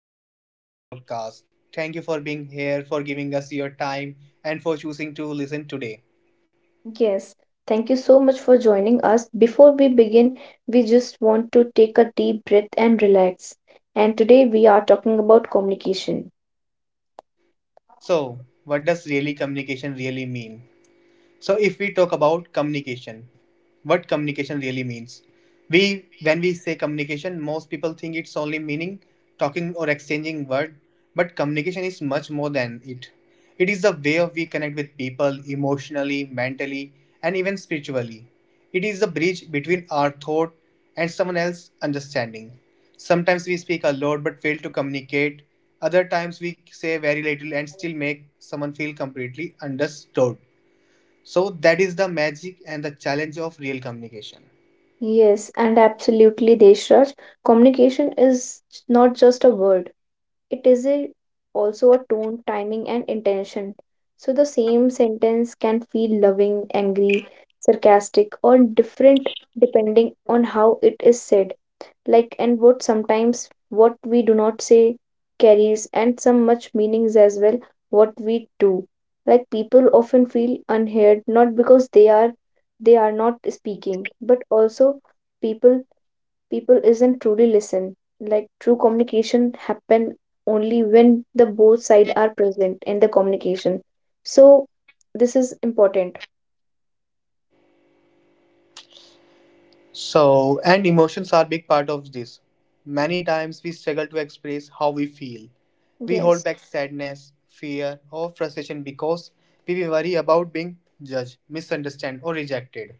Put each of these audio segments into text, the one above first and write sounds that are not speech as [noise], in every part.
and welcome to our podcast. Thank you for being here, for giving us your time, and for choosing to listen today. Yes, thank you so much for joining us. Before we begin, we just want to take a deep breath and relax. And today we are talking about communication. So, what does really communication really mean? So if we talk about communication, what communication really means. We when we say communication, most people think it's only meaning talking or exchanging word, but communication is much more than it. It is the way of we connect with people emotionally, mentally, and even spiritually. It is the bridge between our thought and someone else's understanding. Sometimes we speak a lot but fail to communicate. Other times we say very little and still make someone feel completely understood. So that is the magic and the challenge of real communication. Yes, and absolutely, Deshraj. Communication is not just a word, it is also a tone, timing, and intention. So the same sentence can feel loving, angry, sarcastic, or different depending on how it is said. Like, and what sometimes what we do not say carries and some much meanings as well, what we do. Like, people often feel unheard not because they are not speaking but also people people isn't truly listen. Like, true communication happen only when the both side are present in the communication, so this is important. So, and emotions are big part of this. Many times we struggle to express how we feel. We hold Yes. back sadness, fear, or frustration because we worry about being judged, misunderstood, or rejected.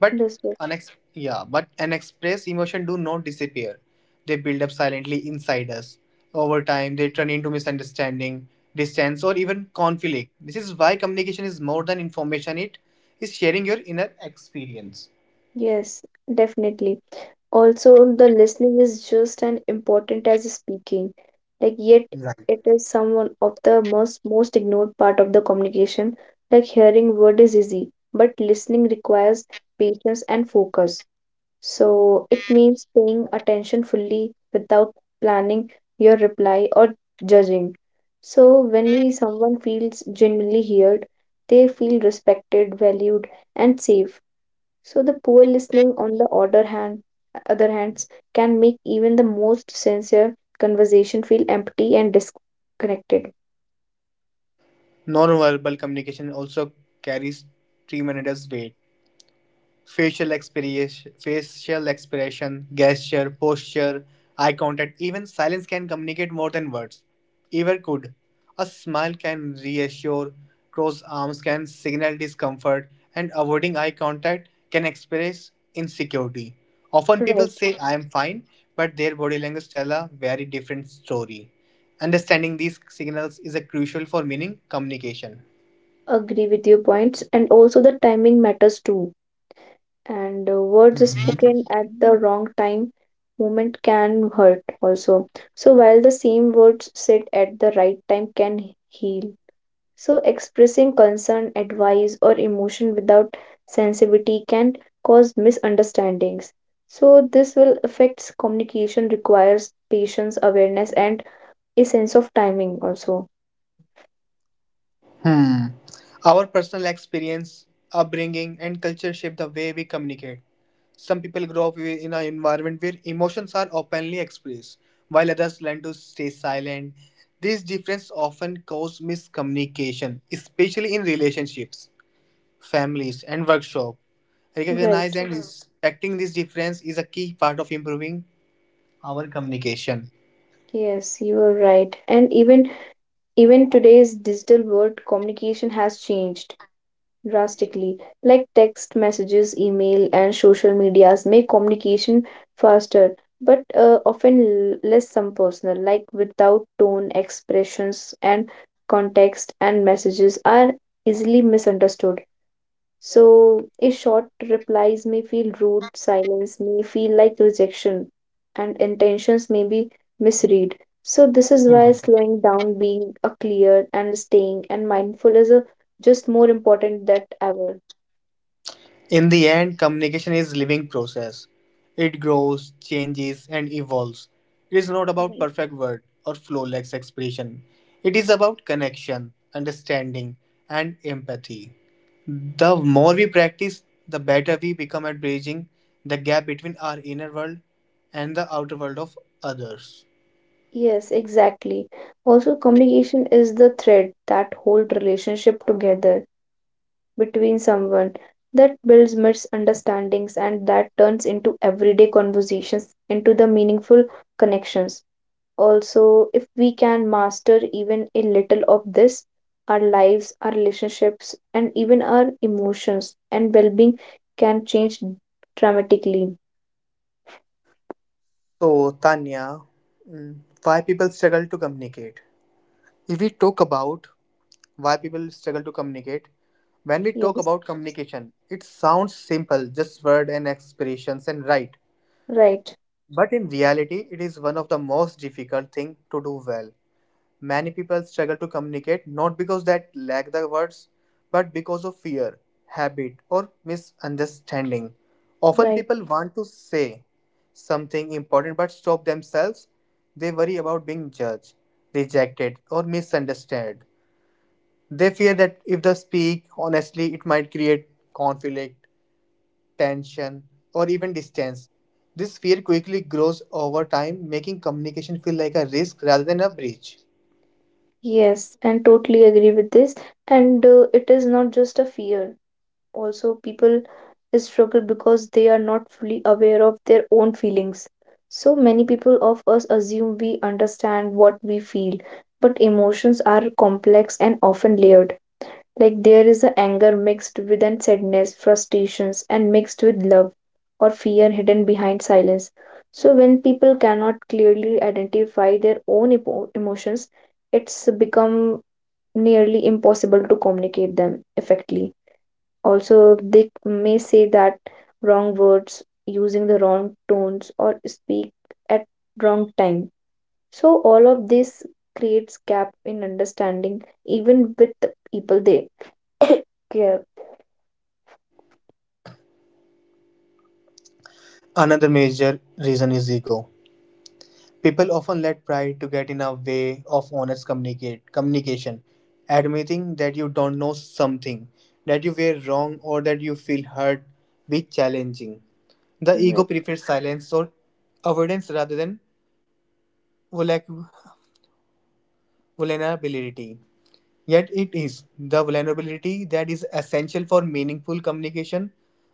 But Understood. Unexpressed emotion do not disappear. They build up silently inside us. Over time, they turn into misunderstanding, distance, or even conflict. This is why communication is more than information; it is sharing your inner experience. Yes, definitely. Also, the listening is just as important as speaking. Like, yet it is someone of the most ignored part of the communication. Like, hearing word is easy, but listening requires patience and focus. So it means paying attention fully without planning your reply or judging. So when we someone feels genuinely heard, they feel respected, valued, and safe. So the poor listening on the other hands can make even the most sincere conversation feel empty and disconnected. Non-verbal communication also carries tremendous weight. Facial expression, gesture, posture, eye contact, even silence can communicate more than words ever could. A smile can reassure, crossed arms can signal discomfort, and avoiding eye contact can express insecurity. Often people Right. say, I am fine, but their body language tell a very different story. Understanding these signals is a crucial for meaning communication. Agree with your points, and also the timing matters too. And words spoken at the wrong time moment can hurt also. So while the same words said at the right time can heal. So, expressing concern, advice, or emotion without sensitivity can cause misunderstandings. So, this will affect communication, requires patience, awareness, and a sense of timing also. Hmm. Our personal experience, upbringing, and culture shape the way we communicate. Some people grow up in an environment where emotions are openly expressed, while others learn to stay silent. These differences often cause miscommunication, especially in relationships, families, and workshops. Right. Recognizing and respecting this difference is a key part of improving our communication. Yes, you are right. And even today's digital world, communication has changed drastically. Like, text messages, email, and social medias make communication faster, but often less some personal. Like, without tone, expressions, and context, and messages are easily misunderstood. So, a short replies may feel rude, silence may feel like rejection, and intentions may be misread. So, this is Hmm. why slowing down, being a clear and staying and mindful is just more important than ever. In the end, communication is living process. It grows, changes, and evolves. It is not about Right. perfect word or flawless expression. It is about connection, understanding, and empathy. The more we practice, the better we become at bridging the gap between our inner world and the outer world of others. Yes, exactly. Also, communication is the thread that hold relationship together between someone, that builds misunderstandings and that turns into everyday conversations into the meaningful connections. Also, if we can master even a little of this, our lives, our relationships, and even our emotions and well being can change dramatically. So, Tanya, mm, why people struggle to communicate? If we talk about why people struggle to communicate. When we talk Yes, about communication, it sounds simple, just word and expressions and right. right, But in reality, it is one of the most difficult thing to do well. Many people struggle to communicate not because they lack the words, but because of fear, habit, or misunderstanding. Often right. people want to say something important but stop themselves. They worry about being judged, rejected, or misunderstood. They fear that if they speak honestly, it might create conflict, tension, or even distance. This fear quickly grows over time, making communication feel like a risk rather than a breach. Yes, and totally agree with this. And it is not just a fear, also, people struggle because they are not fully aware of their own feelings. So many people of us assume we understand what we feel, but emotions are complex and often layered. Like, there is a anger mixed with an sadness, frustrations, and mixed with love or fear hidden behind silence. So when people cannot clearly identify their own emotions, it's become nearly impossible to communicate them effectively. Also, they may say that wrong words, using the wrong tones, or speak at wrong time. So all of this creates gap in understanding, even with the people they [coughs] care. Another major reason is ego. People often let pride to get in the way of honest communicate communication. Admitting that you don't know something, that you were wrong, or that you feel hurt be challenging. The ego Right. prefers silence or avoidance rather than vola- vulnerability. Yet it is the vulnerability that is essential for meaningful communication.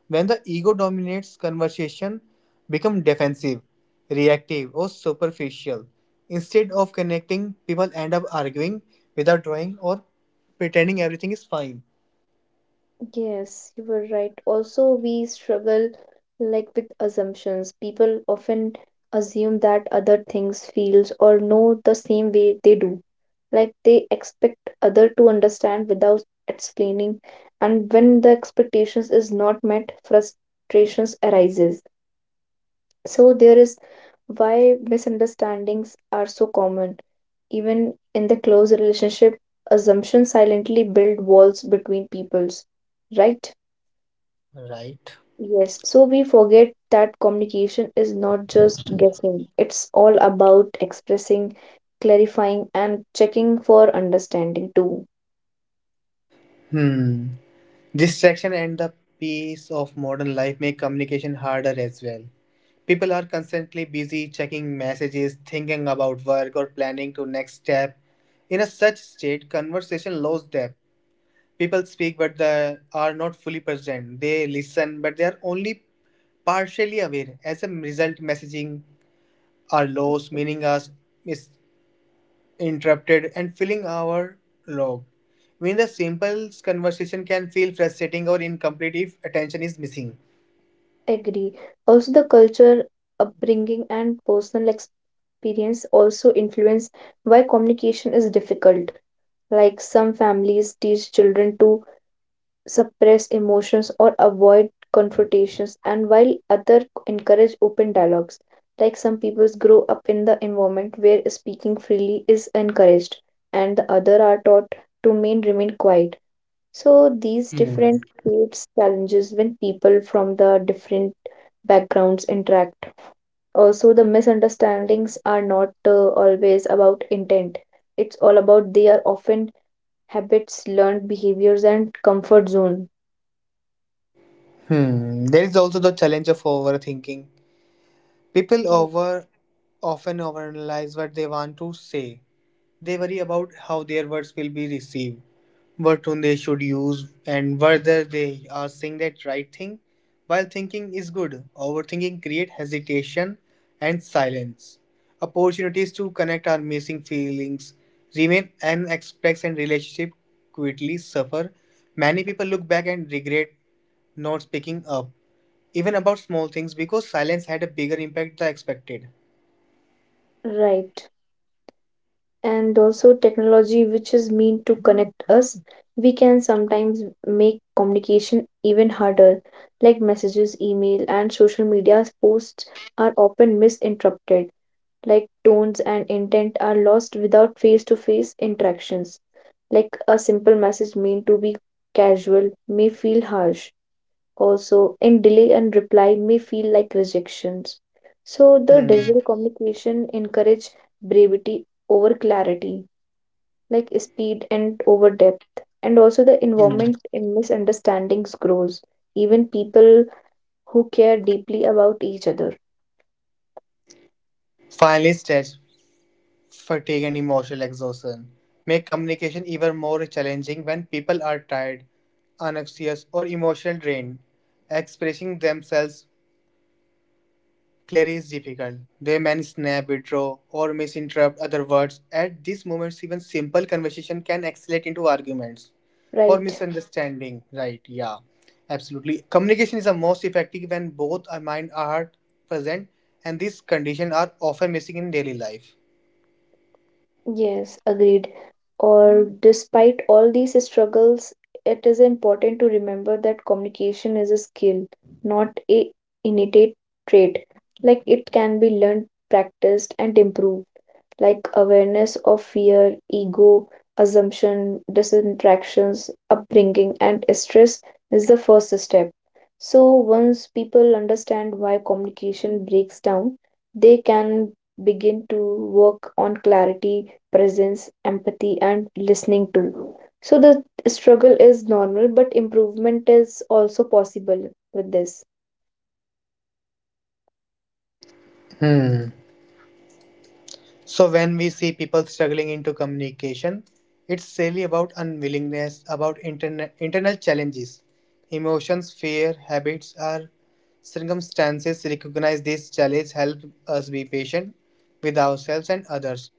When the ego dominates conversation, become defensive, reactive, or superficial. Instead of connecting, people end up arguing without drawing or pretending everything is fine. Yes, you were right. Also, we struggle like with assumptions. People often assume that other things feels or know the same way they do. Like, they expect other to understand without explaining, and when the expectations is not met, frustrations arises. So there is why misunderstandings are so common. Even in the close relationship, assumptions silently build walls between peoples, right? Right. Yes. So we forget that communication is not just guessing. It's all about expressing, clarifying, and checking for understanding too. Hmm. Distraction and the pace of modern life make communication harder as well. People are constantly busy checking messages, thinking about work, or planning to next step. In a such state, conversation loses depth. People speak but they are not fully present. They listen but they are only partially aware. As a result, messaging are lost, Okay. meaning us is interrupted, and filling our log. When the simple conversation can feel frustrating or incomplete if attention is missing. Agree. Also, the culture, upbringing, and personal experience also influence why communication is difficult. Like, some families teach children to suppress emotions or avoid confrontations, and while other encourage open dialogues. Like, some peoples grow up in the environment where speaking freely is encouraged, and the other are taught to main remain quiet. So these different Hmm. creates challenges when people from the different backgrounds interact. Also, the misunderstandings are not always about intent. It's all about they are often habits, learned behaviors, and comfort zone. Hmm. There is also the challenge of overthinking. People Yes. over often overanalyze what they want to say. They worry about how their words will be received what tone they should use and whether they are saying that right thing. While thinking is good, overthinking creates hesitation and silence. Opportunities to connect are missing feelings remain unexpressed and relationship quickly suffer. Many people look back and regret not speaking up, even about small things because silence had a bigger impact than expected. Right. And also, technology, which is meant to connect us, we can sometimes make communication even harder, like messages, email, and social media posts are often misinterpreted, like tones and intent are lost without face to face interactions. Like, a simple message meant to be casual may feel harsh. Also, and delay and reply may feel like rejections. So the Hmm. digital communication encourage brevity over clarity, like speed and over depth, and also the Hmm. involvement in misunderstandings grows even people who care deeply about each other. Finally, stretch. Fatigue and emotional exhaustion make communication even more challenging when people are tired, anxious, or emotionally drained. Expressing themselves clearly is difficult. They may snap, withdraw, or misinterpret other words. At these moments, even simple conversation can escalate into arguments or Right. misunderstanding. Right? Yeah, absolutely. Communication is the most effective when both our mind and heart present, and these conditions are often missing in daily life. Yes, agreed. Or despite all these struggles, it is important to remember that communication is a skill, not a innate trait. Like, it can be learned, practiced, and improved, like awareness of fear, ego, assumption, disinteractions, upbringing, and stress is the first step. So, once people understand why communication breaks down, they can begin to work on clarity, presence, empathy, and listening too. So, the struggle is normal, but improvement is also possible with this. Hmm. So when we see people struggling into communication, it's really about unwillingness, about internal challenges, emotions, fear, habits, or circumstances. Recognize these challenges, help us be patient with ourselves and others.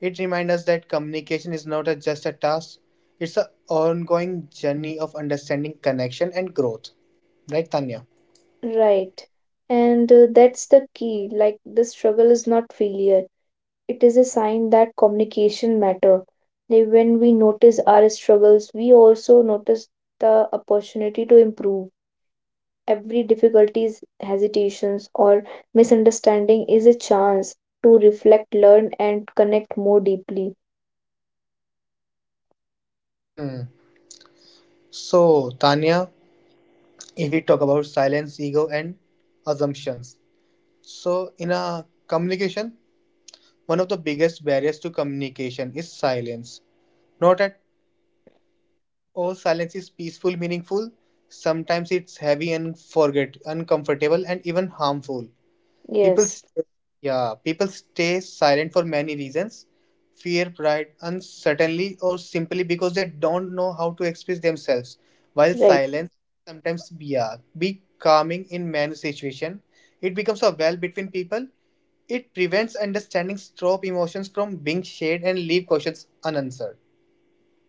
It reminds us that communication is not a, just a task; it's an ongoing journey of understanding, connection, and growth. Right, Tanya? Right. And that's the key. Like, the struggle is not failure, it is a sign that communication matter. Like, when we notice our struggles, we also notice the opportunity to improve. Every difficulties, hesitations, or misunderstanding is a chance to reflect, learn, and connect more deeply. Hmm. So, Tanya, if we talk about silence, ego, and assumptions, so, in a communication, one of the biggest barriers to communication is silence. Not at all silence is peaceful, meaningful. Sometimes it's heavy and forget, uncomfortable, and even harmful. People, Yes, st- yeah, people stay silent for many reasons: fear, pride, uncertainty, or simply because they don't know how to express themselves. While right. silence be calming in many situations, it becomes a well between people. It prevents understanding strong emotions from being shared and leave questions unanswered.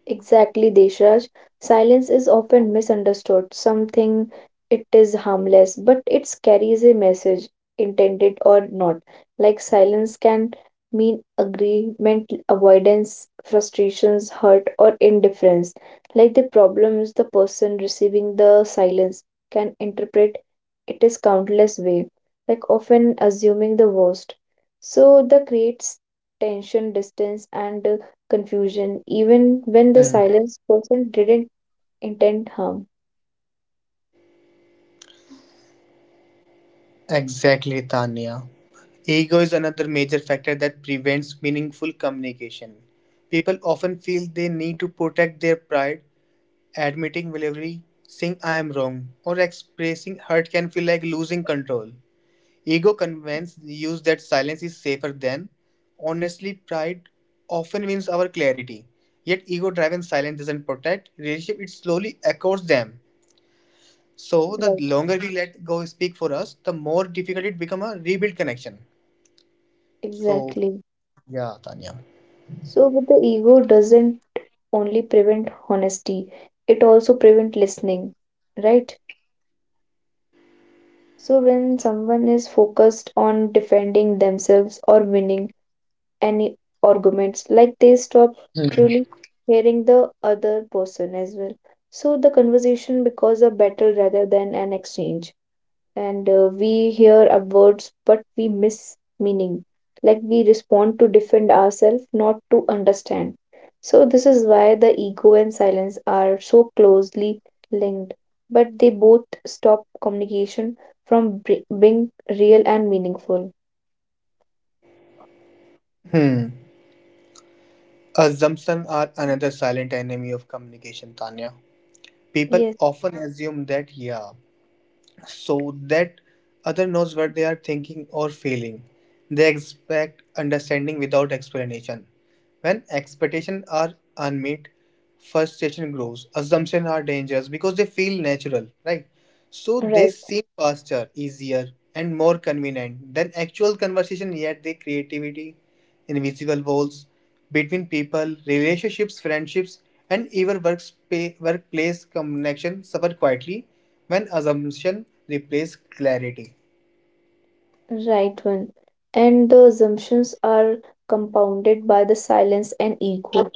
Exactly, Deshraj. Silence is often misunderstood. Something it is harmless, but it carries a message, intended or not. Like, silence can mean agreement, avoidance, frustrations, hurt, or indifference. Like, the problem is the person receiving the silence can interpret it is countless way, like often assuming the worst. So that creates tension, distance, and confusion, even when the Mm, silenced person didn't intend harm. Exactly, Tanya. Ego is another major factor that prevents meaningful communication. People often feel they need to protect their pride. Admitting vulnerability, saying I am wrong, or expressing hurt can feel like losing control. Ego convinces you that silence is safer than. Honestly, pride often wins our clarity. Yet ego driven silence doesn't protect relationship, it slowly echoes them. So the Right, longer we let go speak for us, the more difficult it becomes a rebuild connection. So exactly. yeah, Tanya. So, but the ego doesn't only prevent honesty, it also prevent listening, right? So, when someone is focused on defending themselves or winning any arguments, like they stop Hmm. truly hearing the other person as well. So, the conversation becomes a battle rather than an exchange. And we hear our words but we miss meaning, like we respond to defend ourselves, not to understand. So this is why the ego and silence are so closely linked, but they both stop communication from being real and meaningful. Hmm. Assumptions are another silent enemy of communication, Tanya. People Yes, often assume that, yeah, so that other knows what they are thinking or feeling. They expect understanding without explanation. When expectations are unmet, frustration grows. Assumptions are dangerous because they feel natural, right? So they right. seem faster, easier, and more convenient than actual conversation, yet they creativity, invisible walls between people, relationships, friendships, and even workplace connection suffer quietly when assumption replace clarity. Right one, and the assumptions are compounded by the silence and ego.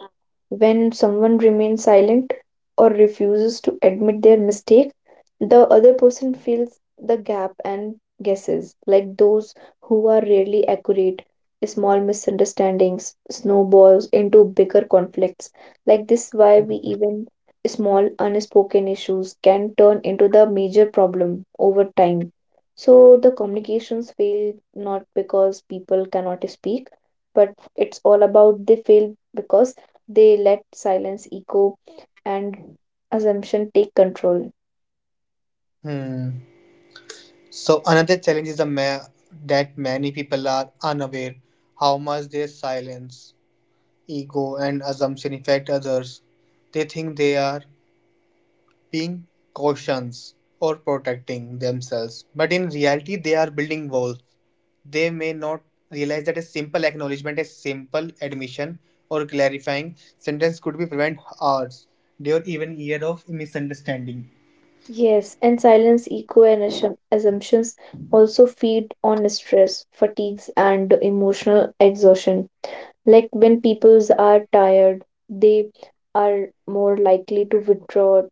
When someone remains silent or refuses to admit their mistake, the other person fills the gap and guesses, like those who are rarely accurate. Small misunderstandings snowballs into bigger conflicts. Like this, why we even small unspoken issues can turn into the major problem over time. So the communications fail not because people cannot speak, but it's all about they fail because they let silence echo and assumption take control. Hmm. So another challenge is that many people are unaware how much their silence, ego, and assumption affect others. They think they are being cautious or protecting themselves, but in reality, they are building walls. They may not realize that a simple acknowledgement, a simple admission, or clarifying sentence could be prevent hours, or even year of misunderstanding. Yes, and silence, echo, and assumptions also feed on stress, fatigues, and emotional exhaustion. Like, when peoples are tired, they are more likely to withdraw,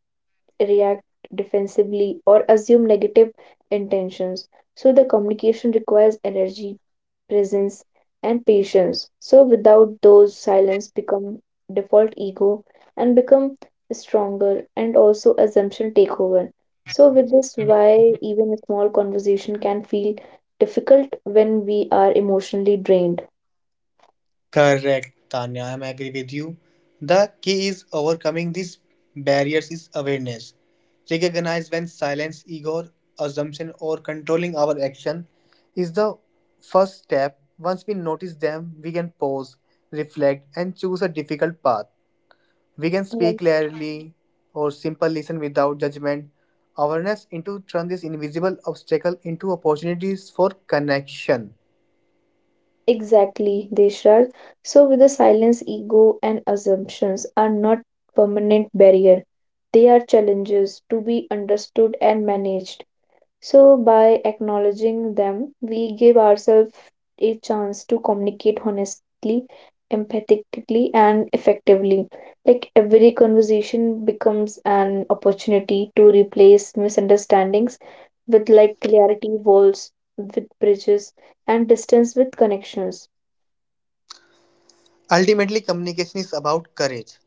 react defensively, or assume negative intentions. So, the communication requires energy, presence, and patience. So, without those, silence become default, ego and become stronger, and also assumption take over. So, with this, why even a small conversation can feel difficult when we are emotionally drained. Correct, Tanya. I'm agree with you. The key is overcoming these barriers is awareness. Recognize when silence, ego, assumption, or controlling our action is the first step. Once we notice them, we can pause, reflect, and choose a difficult path. We can speak Well. clearly or simple listen without judgment. Awareness into turn this invisible obstacle into opportunities for connection. Exactly, Deshraj. So, with the silence, ego, and assumptions are not permanent barrier. They are challenges to be understood and managed. So, by acknowledging them, we give ourselves a chance to communicate honestly, empathetically, and effectively. Like, every conversation becomes an opportunity to replace misunderstandings with like clarity walls, with bridges, and distance with connections. Ultimately, communication is about courage.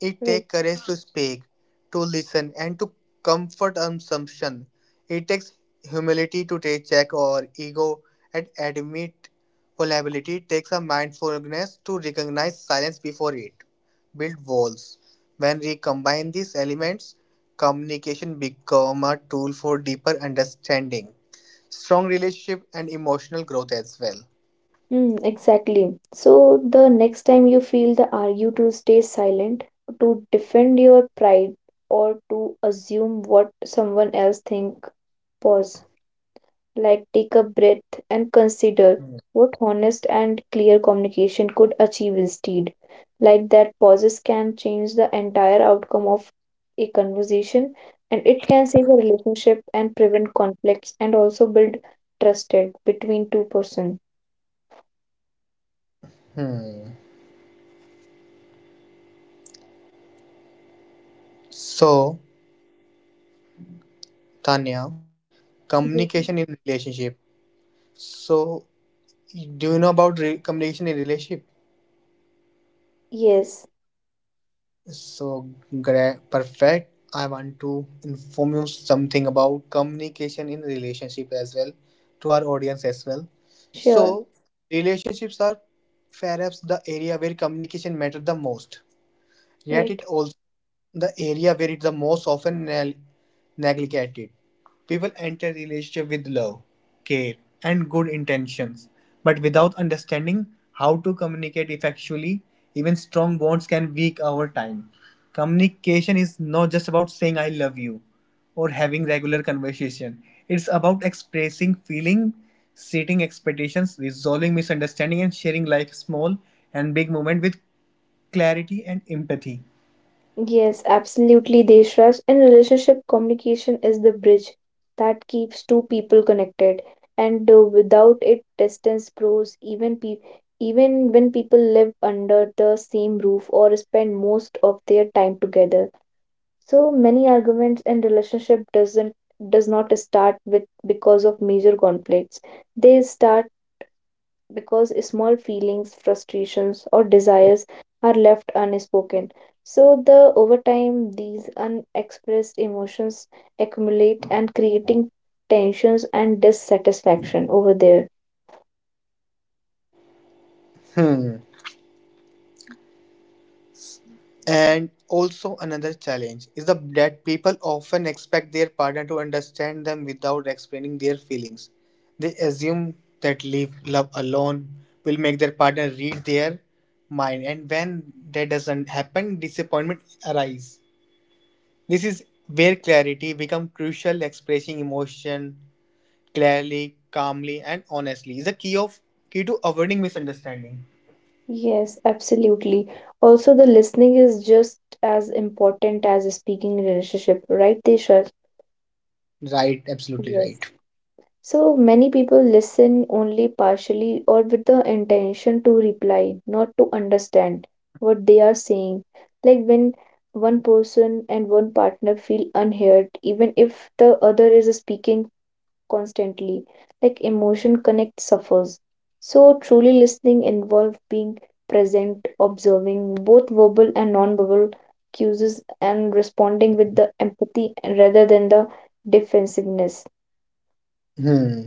It takes Right. courage to speak, to listen, and to comfort assumption. It takes humility to take check our ego and admit vulnerability. It takes a mindfulness to recognize silence before it. Build walls. When we combine these elements, communication become a tool for deeper understanding, strong relationship, and emotional growth as well. Mm, exactly. So the next time you feel the urge to stay silent, to defend your pride, or to assume what someone else think, pause. Like, take a breath and consider what honest and clear communication could achieve instead. Like, that pauses can change the entire outcome of a conversation, and it can save a relationship and prevent conflicts and also build trusted between two person. Hmm. So, Tanya, communication in relationship. So, do you know about communication in relationship? Yes. So, perfect. I want to inform you something about communication in relationship as well to our audience as well. Sure, So, relationships are perhaps the area where communication matters the most. Yet right. it also the area where it's the most often neglected. People enter relationship with love, care, and good intentions, but without understanding how to communicate effectively, even strong bonds can weak over time. Communication is not just about saying I love you or having regular conversation. It's about expressing feeling, setting expectations, resolving misunderstanding and sharing life small and big moment with clarity and empathy. Yes, absolutely, Deshraj. In relationship, communication is the bridge that keeps two people connected, and without it, distance grows. Even when people live under the same roof or spend most of their time together. So many arguments in relationship does not start with because of major conflicts. They start because small feelings, frustrations, or desires are left unspoken. So, the over time, these unexpressed emotions accumulate and creating tensions and dissatisfaction over there. Hmm. And also another challenge is the, that people often expect their partner to understand them without explaining their feelings. They assume that leave love alone will make their partner read their mind and when that doesn't happen disappointment arises. This is where clarity becomes crucial expressing emotion clearly, calmly and honestly is the key to avoiding misunderstanding. Yes, absolutely. Also, the listening is just as important as a speaking relationship, right, Desha? Right, absolutely Yes. right. So many people listen only partially or with the intention to reply, not to understand what they are saying. Like, when one person and one partner feel unheard, even if the other is speaking constantly, like emotion connect suffers. So truly listening involves being present, observing both verbal and non-verbal cues, and responding with the empathy rather than the defensiveness. Hmm.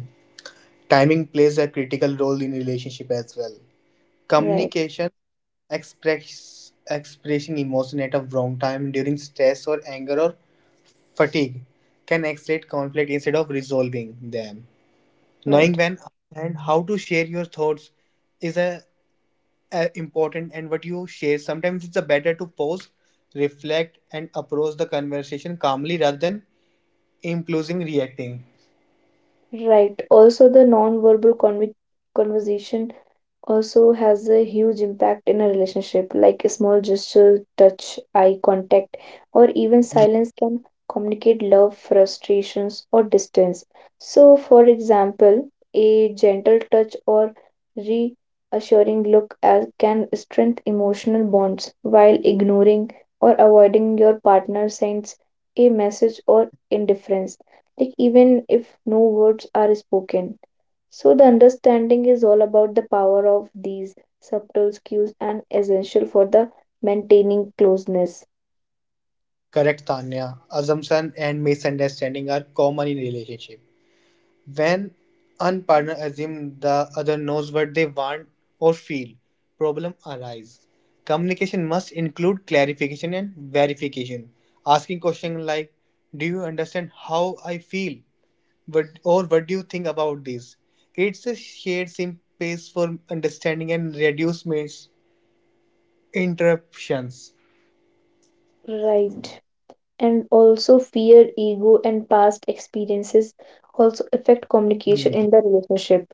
Timing plays a critical role in relationship as well. Right, Communication, expressing emotion at a wrong time during stress or anger or fatigue can escalate conflict instead of resolving them. Knowing right. when and how to share your thoughts is a important and what you share. Sometimes it's a better to pause, reflect, and approach the conversation calmly rather than impulsing reacting. Right. Also, the non-verbal conversation also has a huge impact in a relationship, like a small gesture, touch, eye contact, or even silence can communicate love, frustrations, or distance. So for example, a gentle touch or reassuring look as can strengthen emotional bonds, while ignoring or avoiding your partner sends a message or indifference, like even if no words are spoken. So, the understanding is all about the power of these subtle cues and essential for the maintaining closeness. Correct, Tanya. Assumption and misunderstanding are common in relationship. When one partner assumes the other knows what they want or feel, problem arise. Communication must include clarification and verification. Asking questions like, do you understand how I feel? What, or what do you think about this? It's a shared space for understanding and reduce misinterruptions. Right. And also, fear, ego, and past experiences also affect communication Hmm. in the relationship.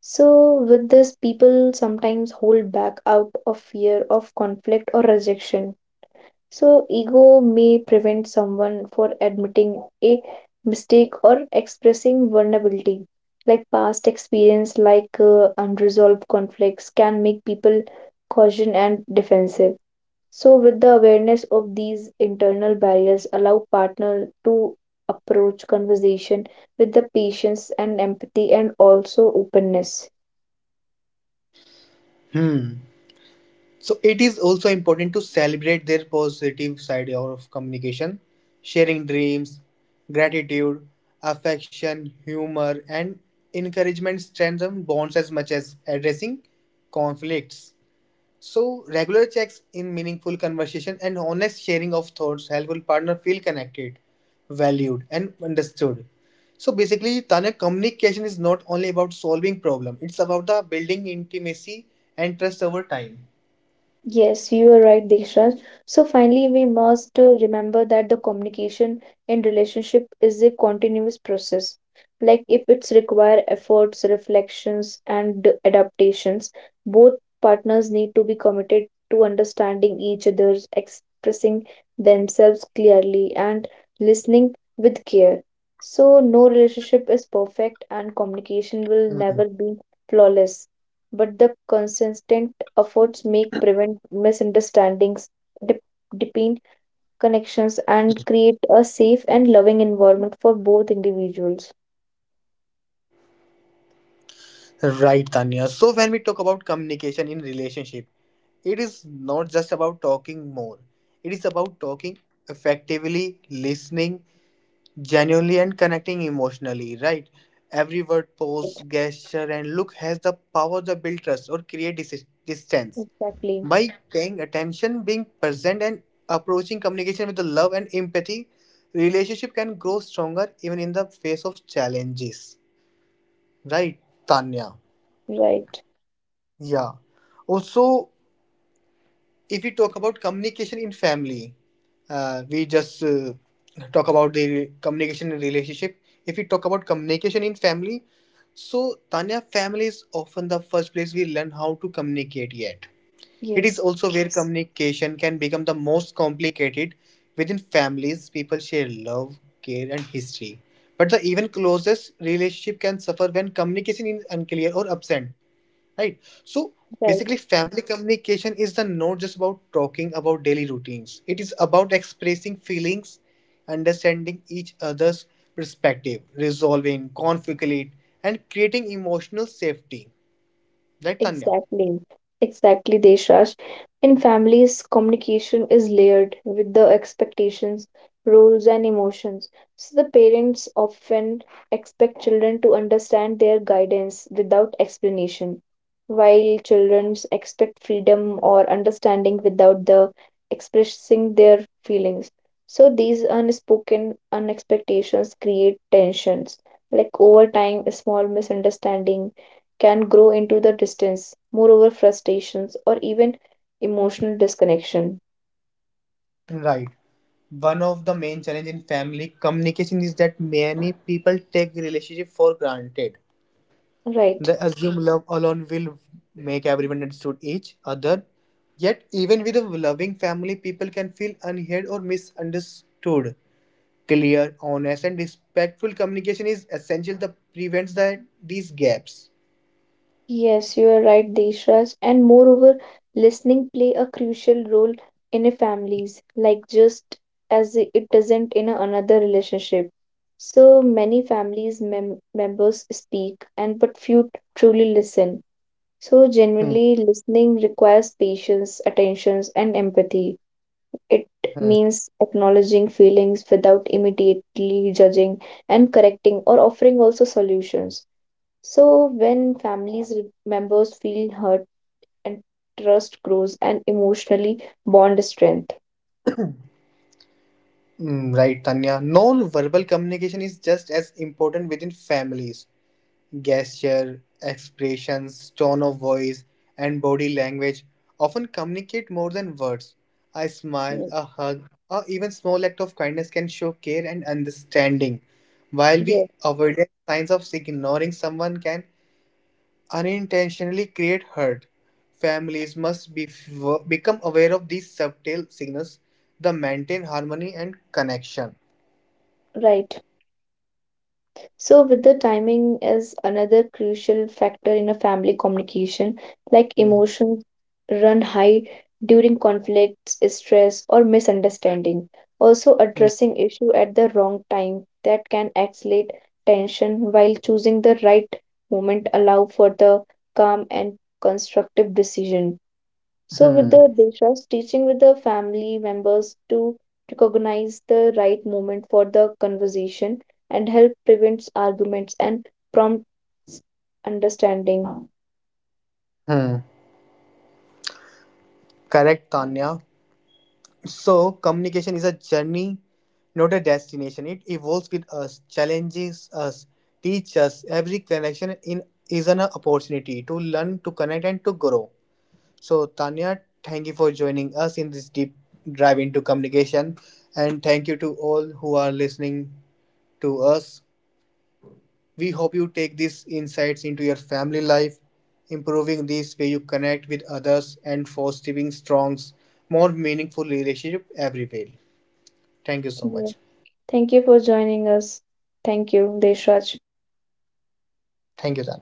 So, with this, people sometimes hold back out of fear of conflict or rejection. So, ego may prevent someone for admitting a mistake or expressing vulnerability. Like, past experience, like unresolved conflicts, can make people cautious and defensive. So, with the awareness of these internal barriers, allow partner to approach conversation with the patience and empathy and also openness. Hmm. So it is also important to celebrate their positive side of communication, sharing dreams, gratitude, affection, humor, and encouragement strengthen bonds as much as addressing conflicts. So regular checks in meaningful conversation and honest sharing of thoughts help a partner feel connected, valued, and understood. So basically, Tanya, communication is not only about solving problem; it's about the building intimacy and trust over time. Yes, you are right, Dekshraj. So finally, we must remember that the communication in relationship is a continuous process. Like, if it's require efforts, reflections, and adaptations, both partners need to be committed to understanding each other, expressing themselves clearly, and listening with care. So no relationship is perfect, and communication will never be flawless. But the consistent efforts make prevent misunderstandings, dep- deepen connections, and create a safe and loving environment for both individuals. Right, Tanya. So when we talk about communication in relationship, it is not just about talking more. It is about talking effectively, listening genuinely, and connecting emotionally. Right. Every word, Right, pose, gesture, and look has the power to build trust or create distance. exactly. By paying attention, being present, and approaching communication with the love and empathy, relationship can grow stronger even in the face of challenges. Right, Right, Tanya. right. Yeah. Also, if we talk about communication in family, we just talk about the communication in relationship. If we talk about communication in family, so Tanya, family is often the first place we learn how to communicate yet. It is Yes, also where communication can become the most complicated. Within families, people share love, care, and history. But the even closest relationship can suffer when communication is unclear or absent, right? So right. basically family communication is the not just about talking about daily routines, it is about expressing feelings understanding each other's perspective resolving conflict and creating emotional safety, right, Tanya? Exactly, exactly, Deshraj. In families, communication is layered with the expectations, roles, and emotions. So the parents often expect children to understand their guidance without explanation, while children expect freedom or understanding without the expressing their feelings. So these unspoken unexpectations create tensions. Like, over time, a small misunderstanding can grow into the distance, moreover, frustrations, or even emotional disconnection. Right. One of the main challenge in family communication is that many people take relationship for granted. They Right. assume love alone will make everyone understood each other. Yet, even with a loving family, people can feel unheard or misunderstood. Clear, honest, and respectful communication is essential that prevents the, these gaps. Yes, you are right, Deshraj. And moreover, listening play a crucial role in a families, like just as it doesn't in a another relationship. So many families members speak, and but few truly listen. So Hmm, genuinely listening requires patience, attentions, and empathy. It hmm. means acknowledging feelings without immediately judging and correcting or offering also solutions. So, when families members feel hurt and trust grows and emotionally bond strength. Right, Tanya. Non verbal communication is just as important within families. Gesture, expressions, tone of voice, and body language often communicate more than words. A smile, Mm. a hug, or even small act of kindness can show care and understanding. While Yes, we avoid signs of ignoring someone can unintentionally create hurt. Families must be become aware of these subtle signals that maintain harmony and connection. right. So, with the timing is another crucial factor in a family communication, like Hmm. emotions run high during conflicts, stress, or misunderstanding. Also, Hmm. addressing issue at the wrong time that can escalate tension, while choosing the right moment allow for the calm and constructive decision. So, with Hmm. the deshas, teaching with the family members to recognize the right moment for the conversation and help prevents arguments and prompts understanding. Hmm. Correct, Tanya. So, communication is a journey, not a destination. It evolves with us, challenges us, teaches us. Every connection in is an opportunity to learn, to connect, and to grow. So, Tanya, thank you for joining us in this deep dive into communication, and thank you to all who are listening to us. We hope you take these insights into your family life, improving this way you connect with others and fostering strong, more meaningful relationship everywhere. Thank you so Yeah. much. Thank you for joining us. Thank you, Deshraj. Thank you, Daniel.